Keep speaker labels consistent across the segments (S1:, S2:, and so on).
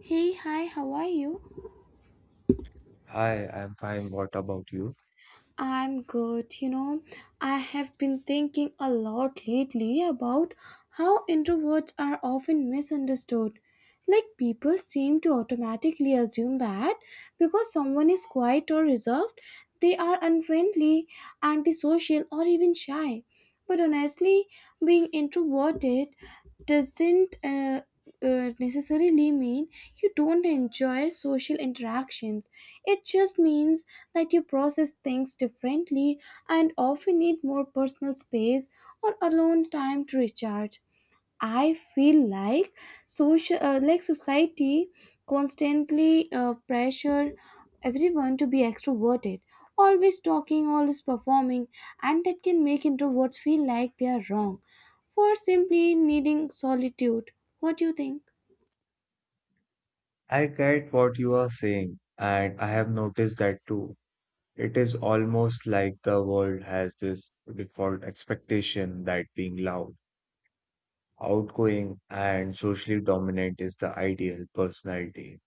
S1: Hey, hi, how are you?
S2: Hi, I'm fine. What about you?
S1: I'm good. I have been thinking a lot lately about how introverts are often misunderstood. Like, people seem to automatically assume that because someone is quiet or reserved, they are unfriendly, antisocial, or even shy. But honestly, being introverted doesn't necessarily mean you don't enjoy social interactions. It just means that you process things differently and often need more personal space or alone time to recharge. I feel like like society, constantly pressure everyone to be extroverted, always talking, always performing, and that can make introverts feel like they are wrong for simply needing solitude. What do you think?
S2: I get what you are saying, and I have noticed that too. It is almost like the world has this default expectation that being loud, outgoing, and socially dominant is the ideal personality.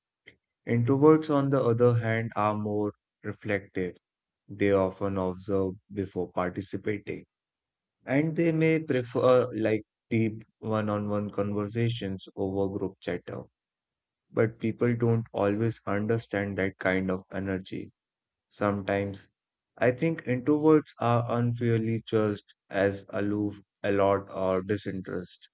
S2: Introverts, on the other hand, are more reflective. They often observe before participating, and they may prefer like deep one-on-one conversations over group chatter. But people don't always understand that kind of energy. Sometimes I think introverts are unfairly judged as aloof, alert, or disinterest,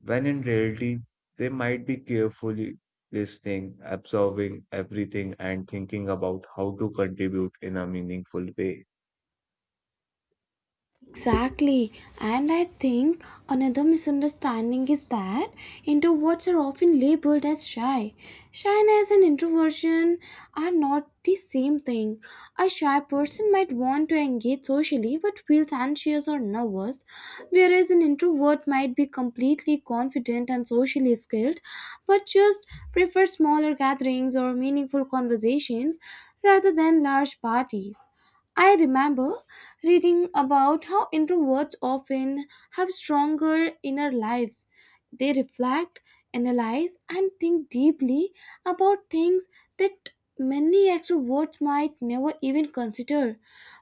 S2: when in reality they might be carefully listening, absorbing everything, and thinking about how to contribute in a meaningful way.
S1: Exactly. And I think another misunderstanding is that introverts are often labeled as shy. Shyness and introversion are not the same thing. A shy person might want to engage socially but feels anxious or nervous, whereas an introvert might be completely confident and socially skilled but just prefer smaller gatherings or meaningful conversations rather than large parties. I remember reading about how introverts often have stronger inner lives. They reflect, analyze, and think deeply about things that many extroverts might never even consider.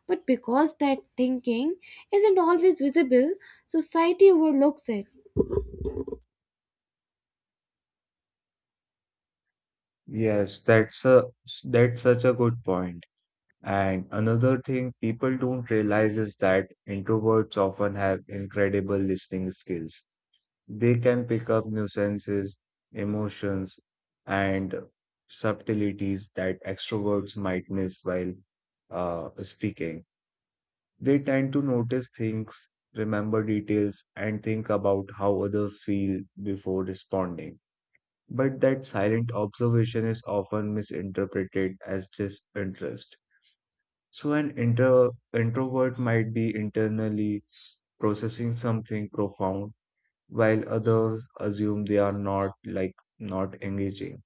S1: But because that thinking isn't always visible, society overlooks it.
S2: Yes, that's such a good point. And another thing people don't realize is that introverts often have incredible listening skills. They can pick up nuances, emotions, and subtleties that extroverts might miss while speaking. They tend to notice things, remember details, and think about how others feel before responding. But that silent observation is often misinterpreted as disinterest. So, an introvert might be internally processing something profound while others assume they are not not engaging.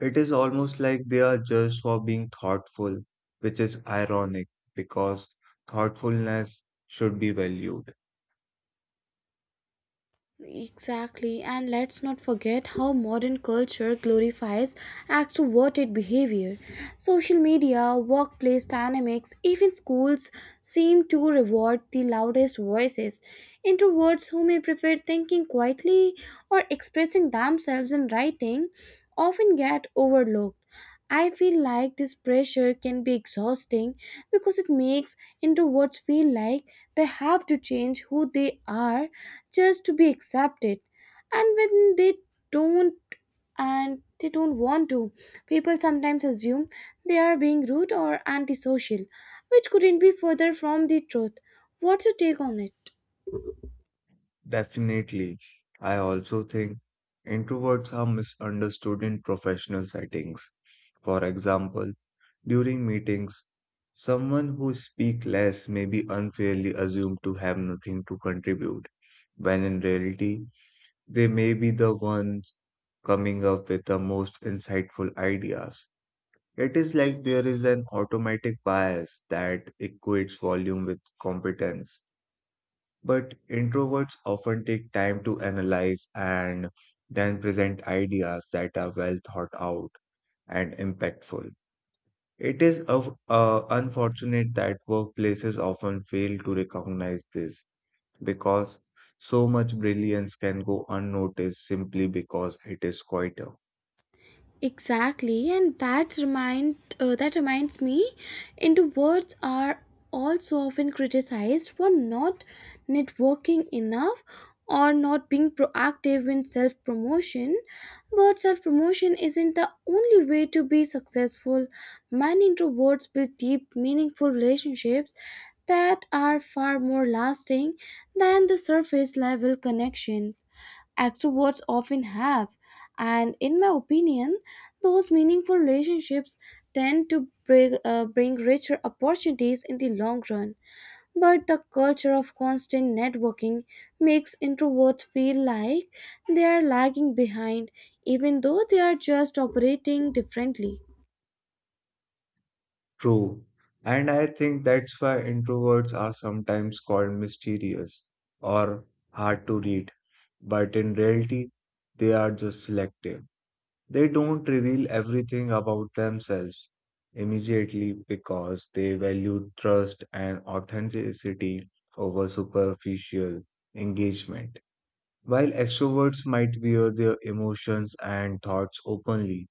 S2: It is almost like they are judged for being thoughtful, which is ironic because thoughtfulness should be valued.
S1: Exactly, and let's not forget how modern culture glorifies acts toward behavior. Social media, workplace dynamics, even schools seem to reward the loudest voices. Introverts who may prefer thinking quietly or expressing themselves in writing often get overlooked. I feel like this pressure can be exhausting because it makes introverts feel like they have to change who they are just to be accepted. And when they don't and they don't want to, people sometimes assume they are being rude or antisocial, which couldn't be further from the truth. What's your take on it?
S2: Definitely. I also think introverts are misunderstood in professional settings. For example, during meetings, someone who speaks less may be unfairly assumed to have nothing to contribute, when in reality they may be the ones coming up with the most insightful ideas. It is like there is an automatic bias that equates volume with competence. But introverts often take time to analyze and then present ideas that are well thought out and impactful. It is unfortunate that workplaces often fail to recognize this because so much brilliance can go unnoticed simply because it is quieter.
S1: Exactly, and that reminds me, into words are also often criticized for not networking enough or not being proactive in self promotion. But self promotion isn't the only way to be successful. Many introverts build deep, meaningful relationships that are far more lasting than the surface level connection extroverts often have. And in my opinion, those meaningful relationships tend to bring richer opportunities in the long run. But the culture of constant networking makes introverts feel like they are lagging behind, even though they are just operating differently.
S2: True. And I think that's why introverts are sometimes called mysterious or hard to read. But in reality, they are just selective. They don't reveal everything about themselves immediately because they value trust and authenticity over superficial engagement. While extroverts might wear their emotions and thoughts openly,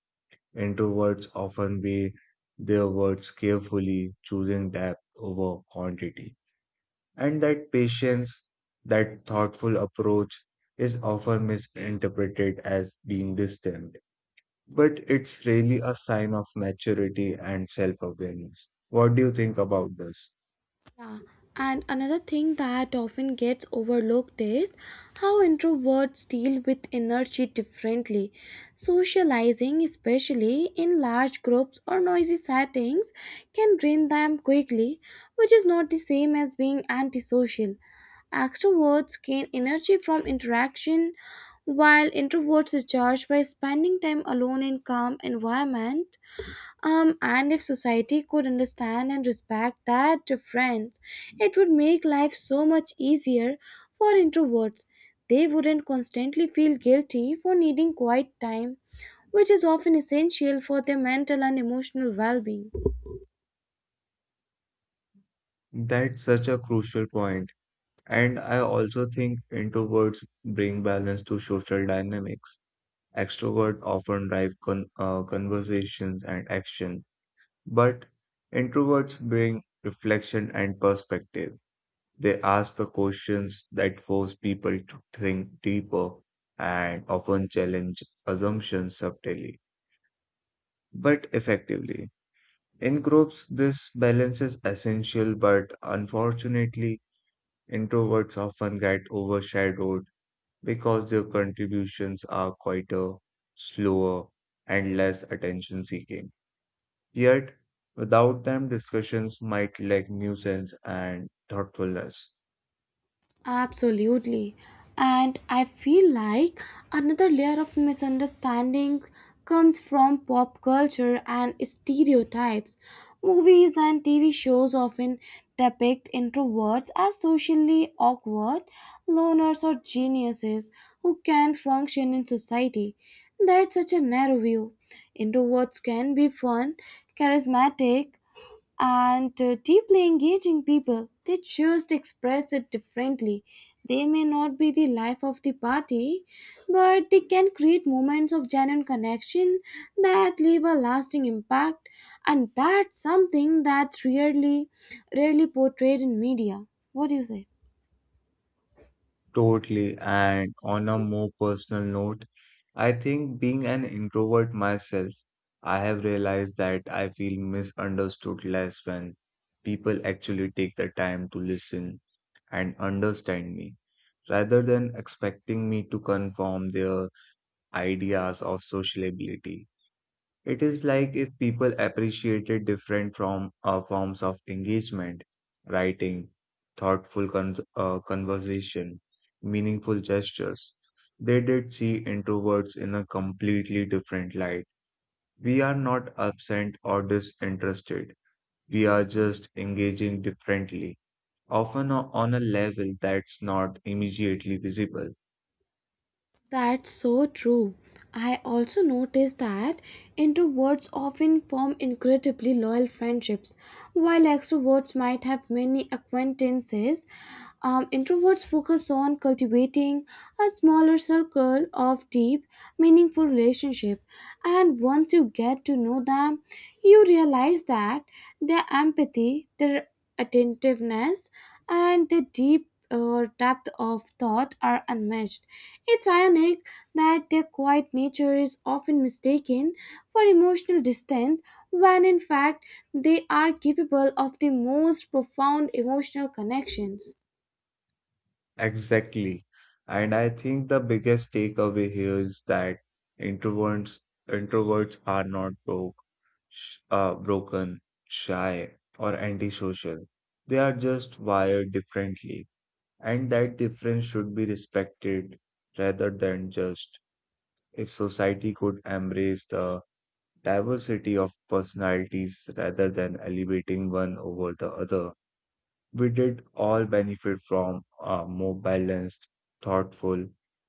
S2: introverts often weigh their words carefully, choosing depth over quantity. And that patience, that thoughtful approach, is often misinterpreted as being distant. But it's really a sign of maturity and self awareness. What do you think about this?
S1: Yeah, and another thing that often gets overlooked is how introverts deal with energy differently. Socializing, especially in large groups or noisy settings, can drain them quickly, which is not the same as being antisocial. Extroverts gain energy from interaction, while introverts recharge by spending time alone in calm environment. And if society could understand and respect that difference, it would make life so much easier for introverts. They wouldn't constantly feel guilty for needing quiet time, which is often essential for their mental and emotional well being.
S2: That's such a crucial point. And I also think introverts bring balance to social dynamics. Extroverts often drive conversations and action, but introverts bring reflection and perspective. They ask the questions that force people to think deeper and often challenge assumptions subtly, but effectively. In groups, this balance is essential, but unfortunately, introverts often get overshadowed because their contributions are quieter, slower, and less attention seeking. Yet, without them, discussions might lack nuisance and thoughtfulness.
S1: Absolutely. And I feel like another layer of misunderstanding comes from pop culture and stereotypes. Movies and TV shows often depict introverts as socially awkward, loners, or geniuses who can't function in society. That's such a narrow view. Introverts can be fun, charismatic, and deeply engaging people. They just express it differently. They may not be the life of the party, but they can create moments of genuine connection that leave a lasting impact, and that's something that's rarely portrayed in media. What do you say?
S2: Totally, and on a more personal note, I think being an introvert myself, I have realized that I feel misunderstood less when people actually take the time to listen and understand me rather than expecting me to conform their ideas of sociability. It is like if people appreciated different from forms of engagement, writing, thoughtful conversation, meaningful gestures. They did see introverts in a completely different light. We are not absent or disinterested. We are just engaging differently, often on a level that's not immediately visible.
S1: That's so true. I also noticed that introverts often form incredibly loyal friendships, while extroverts might have many acquaintances. Introverts focus on cultivating a smaller circle of deep, meaningful relationships. And once you get to know them, you realize that their empathy, their attentiveness, and the deep depth of thought are unmatched. It's ironic that their quiet nature is often mistaken for emotional distance, when in fact they are capable of the most profound emotional connections.
S2: Exactly. And I think the biggest takeaway here is that introverts introverts are not broken, shy, or antisocial. They are just wired differently, and that difference should be respected rather than just. If society could embrace the diversity of personalities rather than elevating one over the other, we did all benefit from more balanced, thoughtful,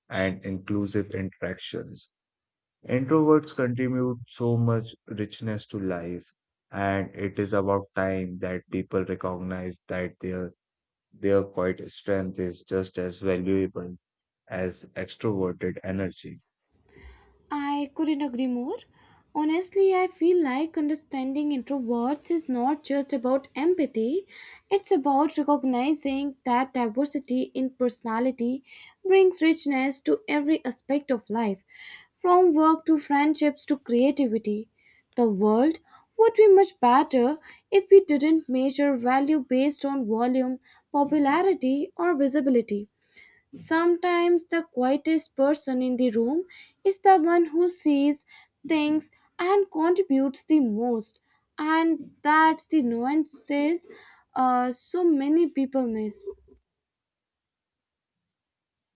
S2: and inclusive interactions. Introverts contribute so much richness to life, and it is about time that people recognize that their quiet strength is just as valuable as extroverted energy.
S1: I couldn't agree more. Honestly, I feel like understanding introverts is not just about empathy, it's about recognizing that diversity in personality brings richness to every aspect of life, from work to friendships to creativity. The world would be much better if we didn't measure value based on volume, popularity, or visibility. Sometimes the quietest person in the room is the one who sees, thinks, and contributes the most. And that's the nuances so many people miss.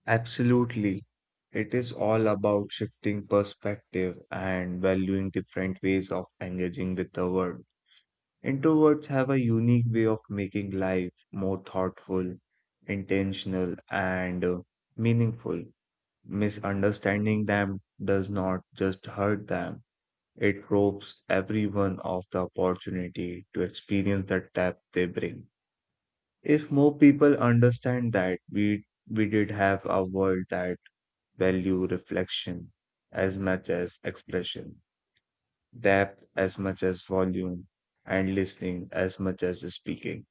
S2: Absolutely. It is all about shifting perspective and valuing different ways of engaging with the world. Introverts have a unique way of making life more thoughtful, intentional, and meaningful. Misunderstanding them does not just hurt them, it robs everyone of the opportunity to experience the depth they bring. If more people understand that, we did have a world that value reflection as much as expression, depth as much as volume, and listening as much as speaking.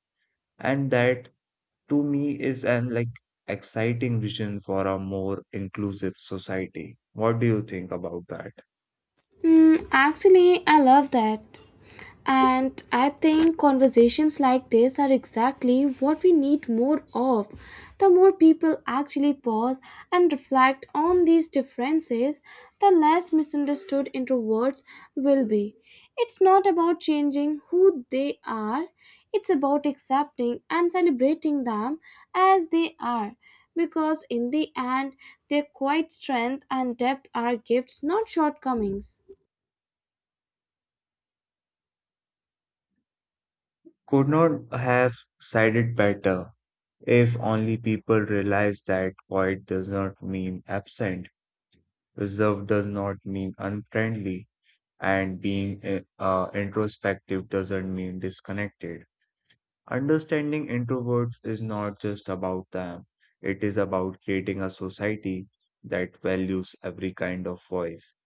S2: And that to me is an exciting vision for a more inclusive society. What do you think about that?
S1: Mm, actually, I love that. And I think conversations like this are exactly what we need more of. The more people actually pause and reflect on these differences, the less misunderstood introverts will be. It's not about changing who they are, it's about accepting and celebrating them as they are. Because in the end, their quiet strength and depth are gifts, not shortcomings.
S2: Could not have said it better if only people realize that quiet does not mean absent, reserve does not mean unfriendly, and being introspective doesn't mean disconnected. Understanding introverts is not just about them, it is about creating a society that values every kind of voice,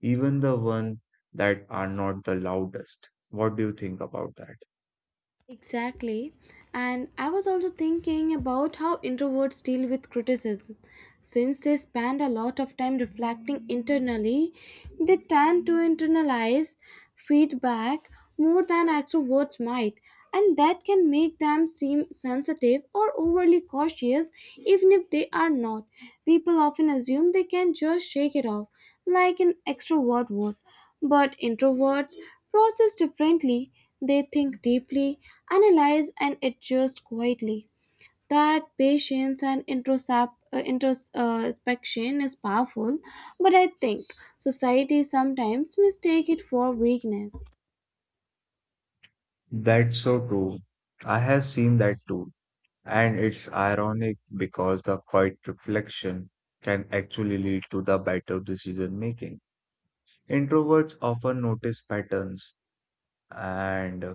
S2: even the ones that are not the loudest. What do you think about that?
S1: Exactly. And I was also thinking about how introverts deal with criticism. Since they spend a lot of time reflecting internally, they tend to internalize feedback more than extroverts might, and that can make them seem sensitive or overly cautious even if they are not. People often assume they can just shake it off, like an extrovert would. But introverts process differently, they think deeply, analyze, and adjust quietly. That patience and introspection is powerful, but I think society sometimes mistake it for weakness.
S2: That's so true. I have seen that too. And it's ironic because the quiet reflection can actually lead to the better decision making. Introverts often notice patterns and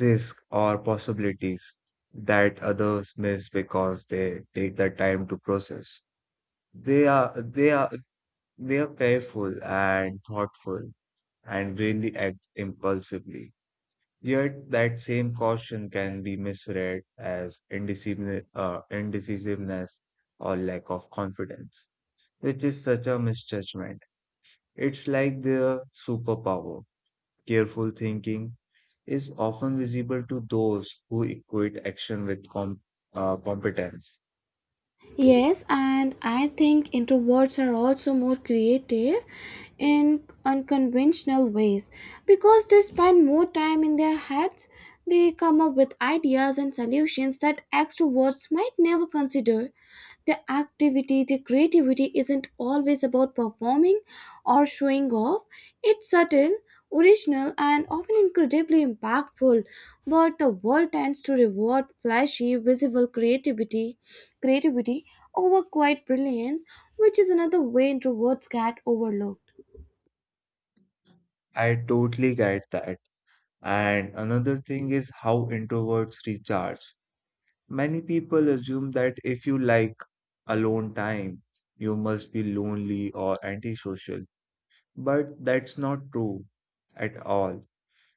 S2: risk or possibilities that others miss because they take the time to process. They are they are they are careful and thoughtful and really act impulsively. Yet that same caution can be misread as indecisiveness or lack of confidence, which is such a misjudgment. It's like their superpower careful thinking is often visible to those who equate action with competence.
S1: Yes, and I think introverts are also more creative in unconventional ways because they spend more time in their heads. They come up with ideas and solutions that extroverts might never consider. The activity, the creativity isn't always about performing or showing off. It's subtle, original, and often incredibly impactful. But the world tends to reward flashy, visible creativity over quiet brilliance, which is another way introverts get overlooked.
S2: I totally get that. And another thing is how introverts recharge. Many people assume that if you like alone time, you must be lonely or antisocial. But that's not true at all.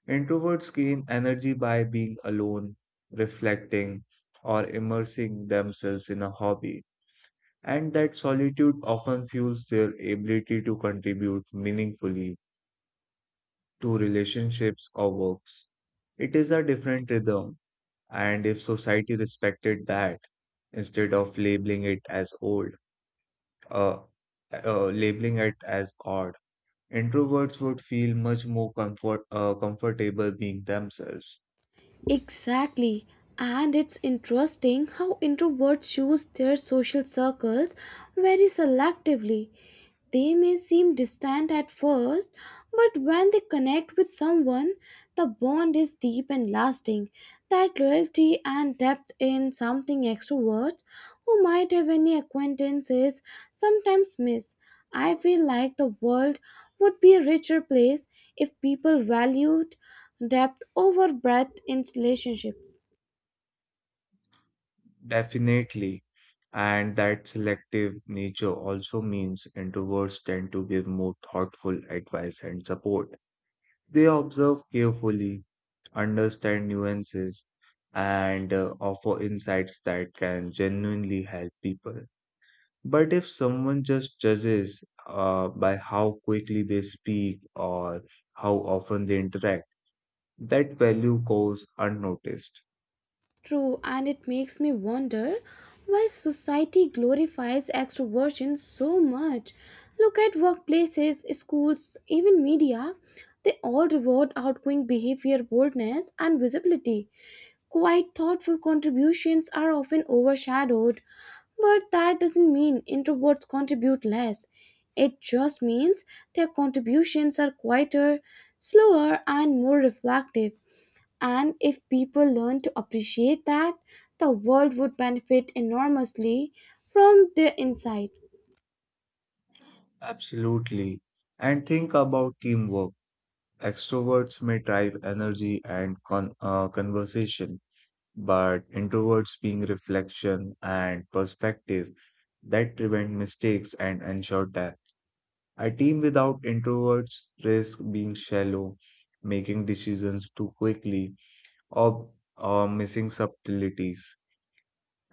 S2: Introverts gain energy by being alone, reflecting, or immersing themselves in a hobby. And that solitude often fuels their ability to contribute meaningfully to relationships or works. It is a different rhythm, and if society respected that instead of uh, labeling it as odd, introverts would feel much more comfortable being themselves.
S1: Exactly. And it's interesting how introverts choose their social circles very selectively. They may seem distant at first, but when they connect with someone, the bond is deep and lasting. That loyalty and depth in something extroverts who might have any acquaintances sometimes miss. I feel like the world would be a richer place if people valued depth over breadth in relationships.
S2: Definitely. And that selective nature also means introverts tend to give more thoughtful advice and support. They observe carefully, understand nuances, and offer insights that can genuinely help people. But if someone just judges by how quickly they speak or how often they interact, that value goes unnoticed.
S1: True, and it makes me wonder why society glorifies extroversion so much. Look at workplaces, schools, even media. They all reward outgoing behavior, boldness, and visibility. Quite thoughtful contributions are often overshadowed, but that doesn't mean introverts contribute less. It just means their contributions are quieter, slower, and more reflective. And if people learn to appreciate that, the world would benefit enormously from their insight.
S2: Absolutely. And think about teamwork. Extroverts may drive energy and conversation but introverts being reflection and perspective that prevent mistakes and ensure depth. A team without introverts risk being shallow, making decisions too quickly, or, or missing subtleties.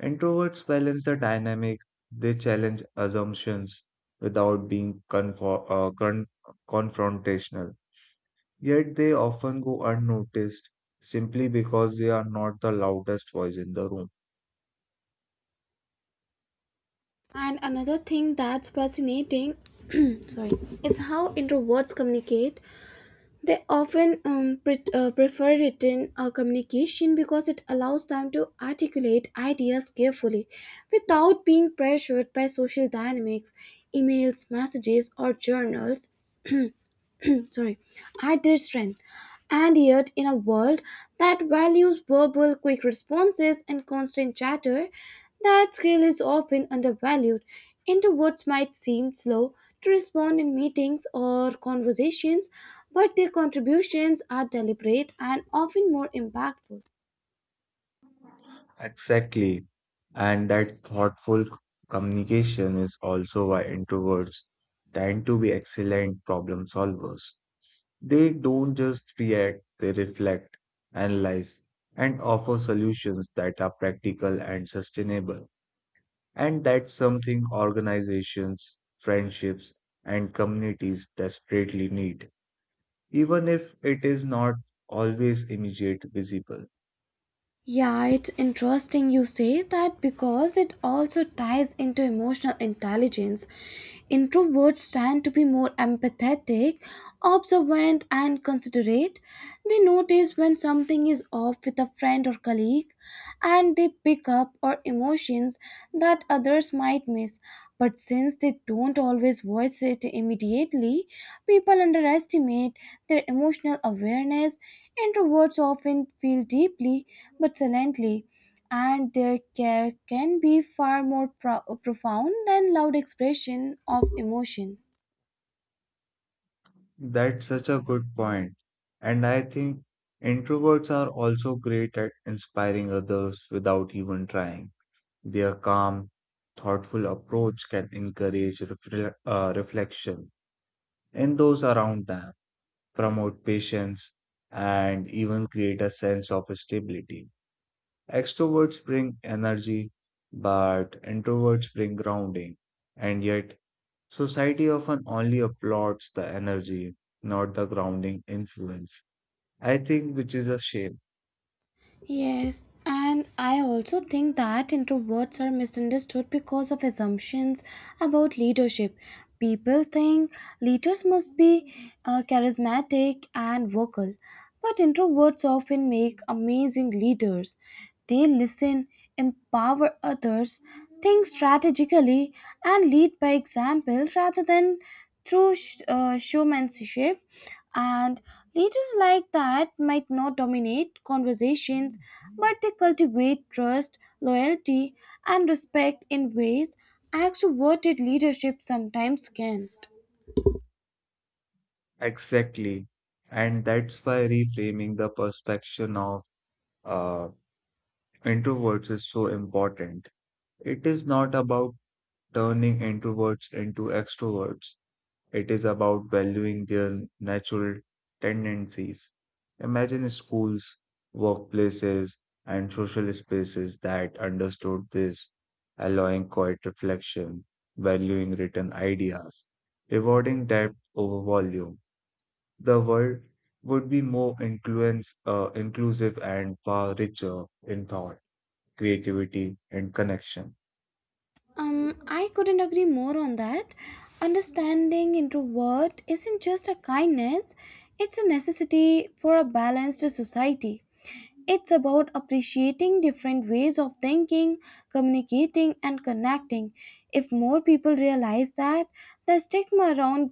S2: Introverts balance the dynamic, they challenge assumptions without being confrontational. Yet they often go unnoticed simply because they are not the loudest voice in the room.
S1: And another thing that's fascinating sorry, is how introverts communicate. They often prefer written communication because it allows them to articulate ideas carefully without being pressured by social dynamics, emails, messages, or journals. Sorry, at their strength. And yet, in a world that values verbal quick responses and constant chatter, that skill is often undervalued. Introverts might seem slow to respond in meetings or conversations, but their contributions are deliberate and often more impactful.
S2: Exactly. And that thoughtful communication is also why introverts tend to be excellent problem solvers. They don't just react, they reflect, analyze, and offer solutions that are practical and sustainable. And that's something organizations, friendships, and communities desperately need, even if it is not always immediate visible.
S1: Yeah, it's interesting you say that because it also ties into emotional intelligence. Introverts tend to be more empathetic, observant, and considerate. They notice when something is off with a friend or colleague, and they pick up on emotions that others might miss. But since they don't always voice it immediately, people underestimate their emotional awareness. Introverts often feel deeply but silently, and their care can be far more profound than loud expression of emotion.
S2: That's such a good point. And I think introverts are also great at inspiring others without even trying. Their calm, thoughtful approach can encourage reflection in those around them, promote patience, and even create a sense of stability. Extroverts bring energy, but introverts bring grounding. And yet, society often only applauds the energy, not the grounding influence. I think which is a shame.
S1: Yes, and I also think that introverts are misunderstood because of assumptions about leadership. People think leaders must be charismatic and vocal, but introverts often make amazing leaders. They listen, empower others, think strategically, and lead by example rather than through showmanship. And leaders like that might not dominate conversations, but they cultivate trust, loyalty, and respect in ways extroverted leadership sometimes can't.
S2: Exactly. And that's why reframing the perception of uh, introverts is so important. It is not about turning introverts into extroverts. It is about valuing their natural tendencies. Imagine schools, workplaces, and social spaces that understood this, allowing quiet reflection, valuing written ideas, rewarding depth over volume. The world would be more inclusive and far richer in thought, creativity, and connection.
S1: I couldn't agree more on that. Understanding introvert isn't just a kindness, it's a necessity for a balanced society. It's about appreciating different ways of thinking, communicating, and connecting. If more people realize that, the stigma around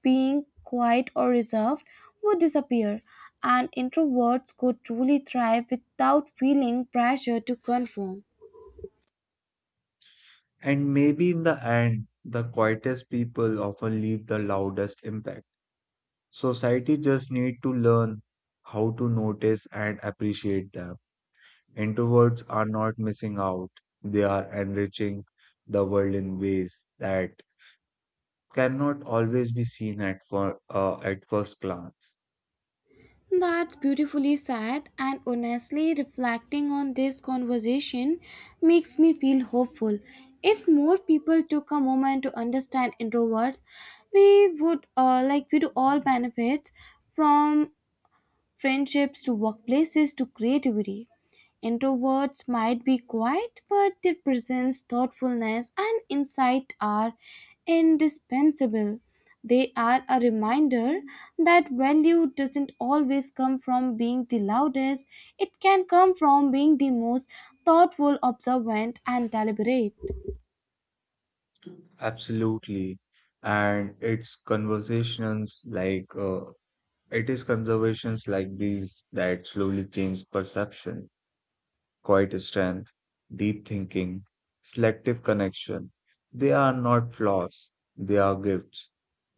S1: being quiet or reserved would disappear, and introverts could truly thrive without feeling pressure to conform.
S2: And maybe in the end, the quietest people often leave the loudest impact. Society just need to learn how to notice and appreciate them. Introverts are not missing out. They are enriching the world in ways that cannot always be seen at at first glance.
S1: That's beautifully said, and honestly, reflecting on this conversation makes me feel hopeful. If more people took a moment to understand introverts, we would like we do all benefit from friendships to workplaces to creativity. Introverts might be quiet, but their presence, thoughtfulness, and insight are indispensable. They are a reminder that value doesn't always come from being the loudest, it can come from being the most thoughtful, observant, and deliberate.
S2: Absolutely. And it is conversations like these that slowly change perception. Quiet strength, deep thinking, selective connection. They are not flaws, they are gifts.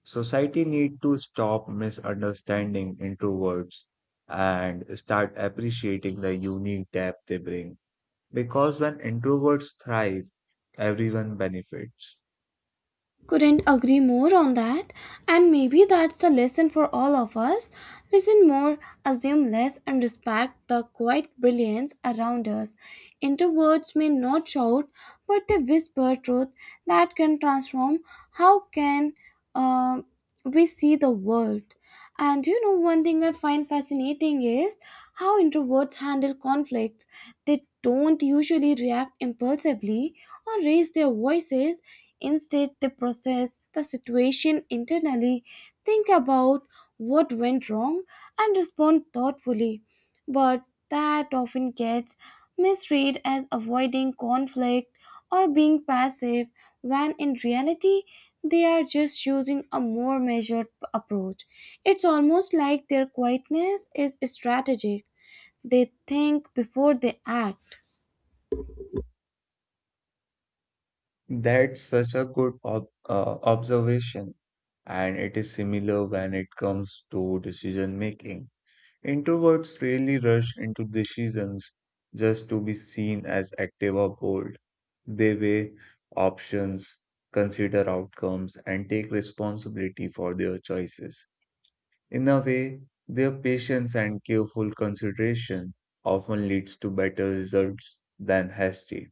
S2: Society need to stop misunderstanding introverts and start appreciating the unique depth they bring. Because when introverts thrive, everyone benefits.
S1: Couldn't agree more on that. And maybe that's the lesson for all of us. Listen more, assume less, and respect the quiet brilliance around us. Introverts may not shout, but they whisper truth that can transform how can uh, we see the world. And you know, one thing I find fascinating is how introverts handle conflicts. They don't usually react impulsively or raise their voices. Instead, they process the situation internally, think about what went wrong, and respond thoughtfully. But that often gets misread as avoiding conflict or being passive, when in reality, they are just choosing a more measured approach. It's almost like their quietness is strategic. They think before they act.
S2: That's such a good observation, and it is similar when it comes to decision making. Introverts rarely rush into decisions just to be seen as active or bold. They weigh options, consider outcomes, and take responsibility for their choices. In a way, their patience and careful consideration often leads to better results than hasty,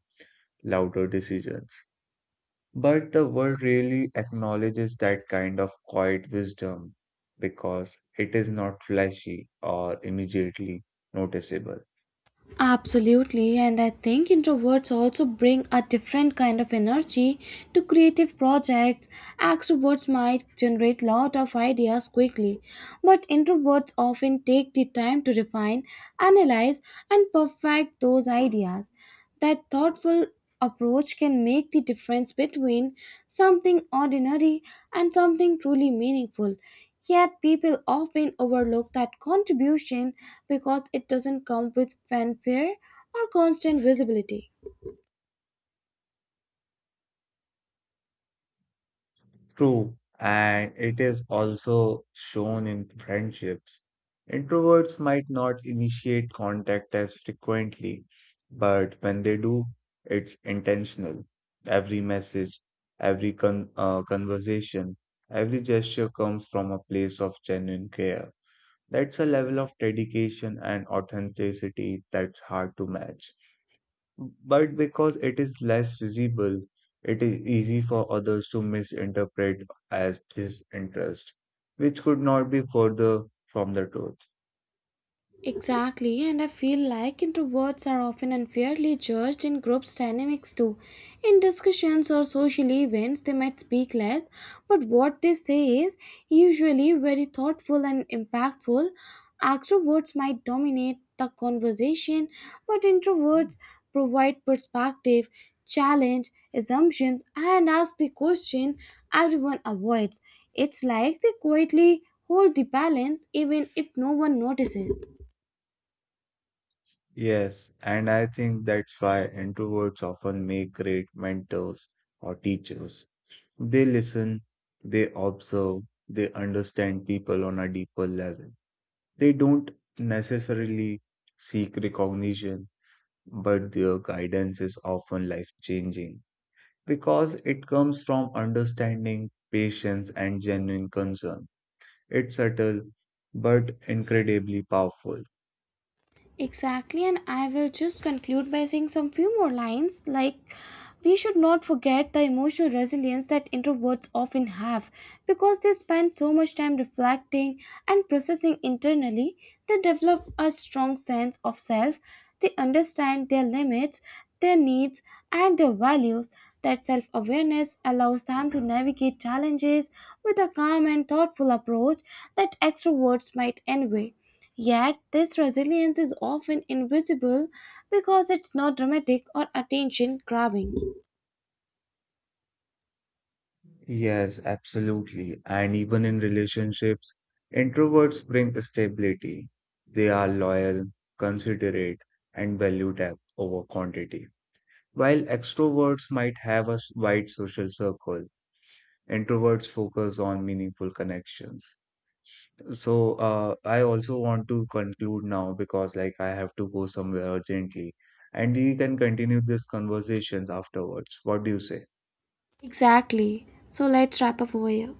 S2: louder decisions. But the world really acknowledges that kind of quiet wisdom because it is not flashy or immediately noticeable.
S1: Absolutely, and I think introverts also bring a different kind of energy to creative projects. Extroverts might generate lot of ideas quickly, but introverts often take the time to refine, analyze, and perfect those ideas. That thoughtful approach can make the difference between something ordinary and something truly meaningful. Yet people often overlook that contribution because it doesn't come with fanfare or constant visibility.
S2: True, and it is also shown in friendships. Introverts might not initiate contact as frequently, but when they do, it's intentional. Every message, every conversation, every gesture comes from a place of genuine care. That's a level of dedication and authenticity that's hard to match. But because it is less visible, it is easy for others to misinterpret as disinterest, which could not be further from the truth.
S1: Exactly, and I feel like introverts are often unfairly judged in groups dynamics too. In discussions or social events, they might speak less, but what they say is usually very thoughtful and impactful. Extroverts might dominate the conversation, but introverts provide perspective, challenge assumptions, and ask the question everyone avoids. It's like they quietly hold the balance even if no one notices.
S2: Yes, and I think that's why introverts often make great mentors or teachers. They listen, they observe, they understand people on a deeper level. They don't necessarily seek recognition but their guidance is often life changing because it comes from understanding, patience, and genuine concern. It's subtle but incredibly powerful.
S1: Exactly, and I will just conclude by saying some few more lines like we should not forget the emotional resilience that introverts often have because they spend so much time reflecting and processing internally. They develop a strong sense of self, they understand their limits, their needs, and their values. That self awareness allows them to navigate challenges with a calm and thoughtful approach that extroverts might envy. Yet, this resilience is often invisible because it's not dramatic or attention grabbing.
S2: Yes, absolutely. And even in relationships, introverts bring stability. They are loyal, considerate, and value depth over quantity. While extroverts might have a wide social circle, introverts focus on meaningful connections. So, I also want to conclude now because, like, I have to go somewhere urgently, and we can continue this conversations afterwards. What do you say?
S1: Exactly. So, let's wrap up over here.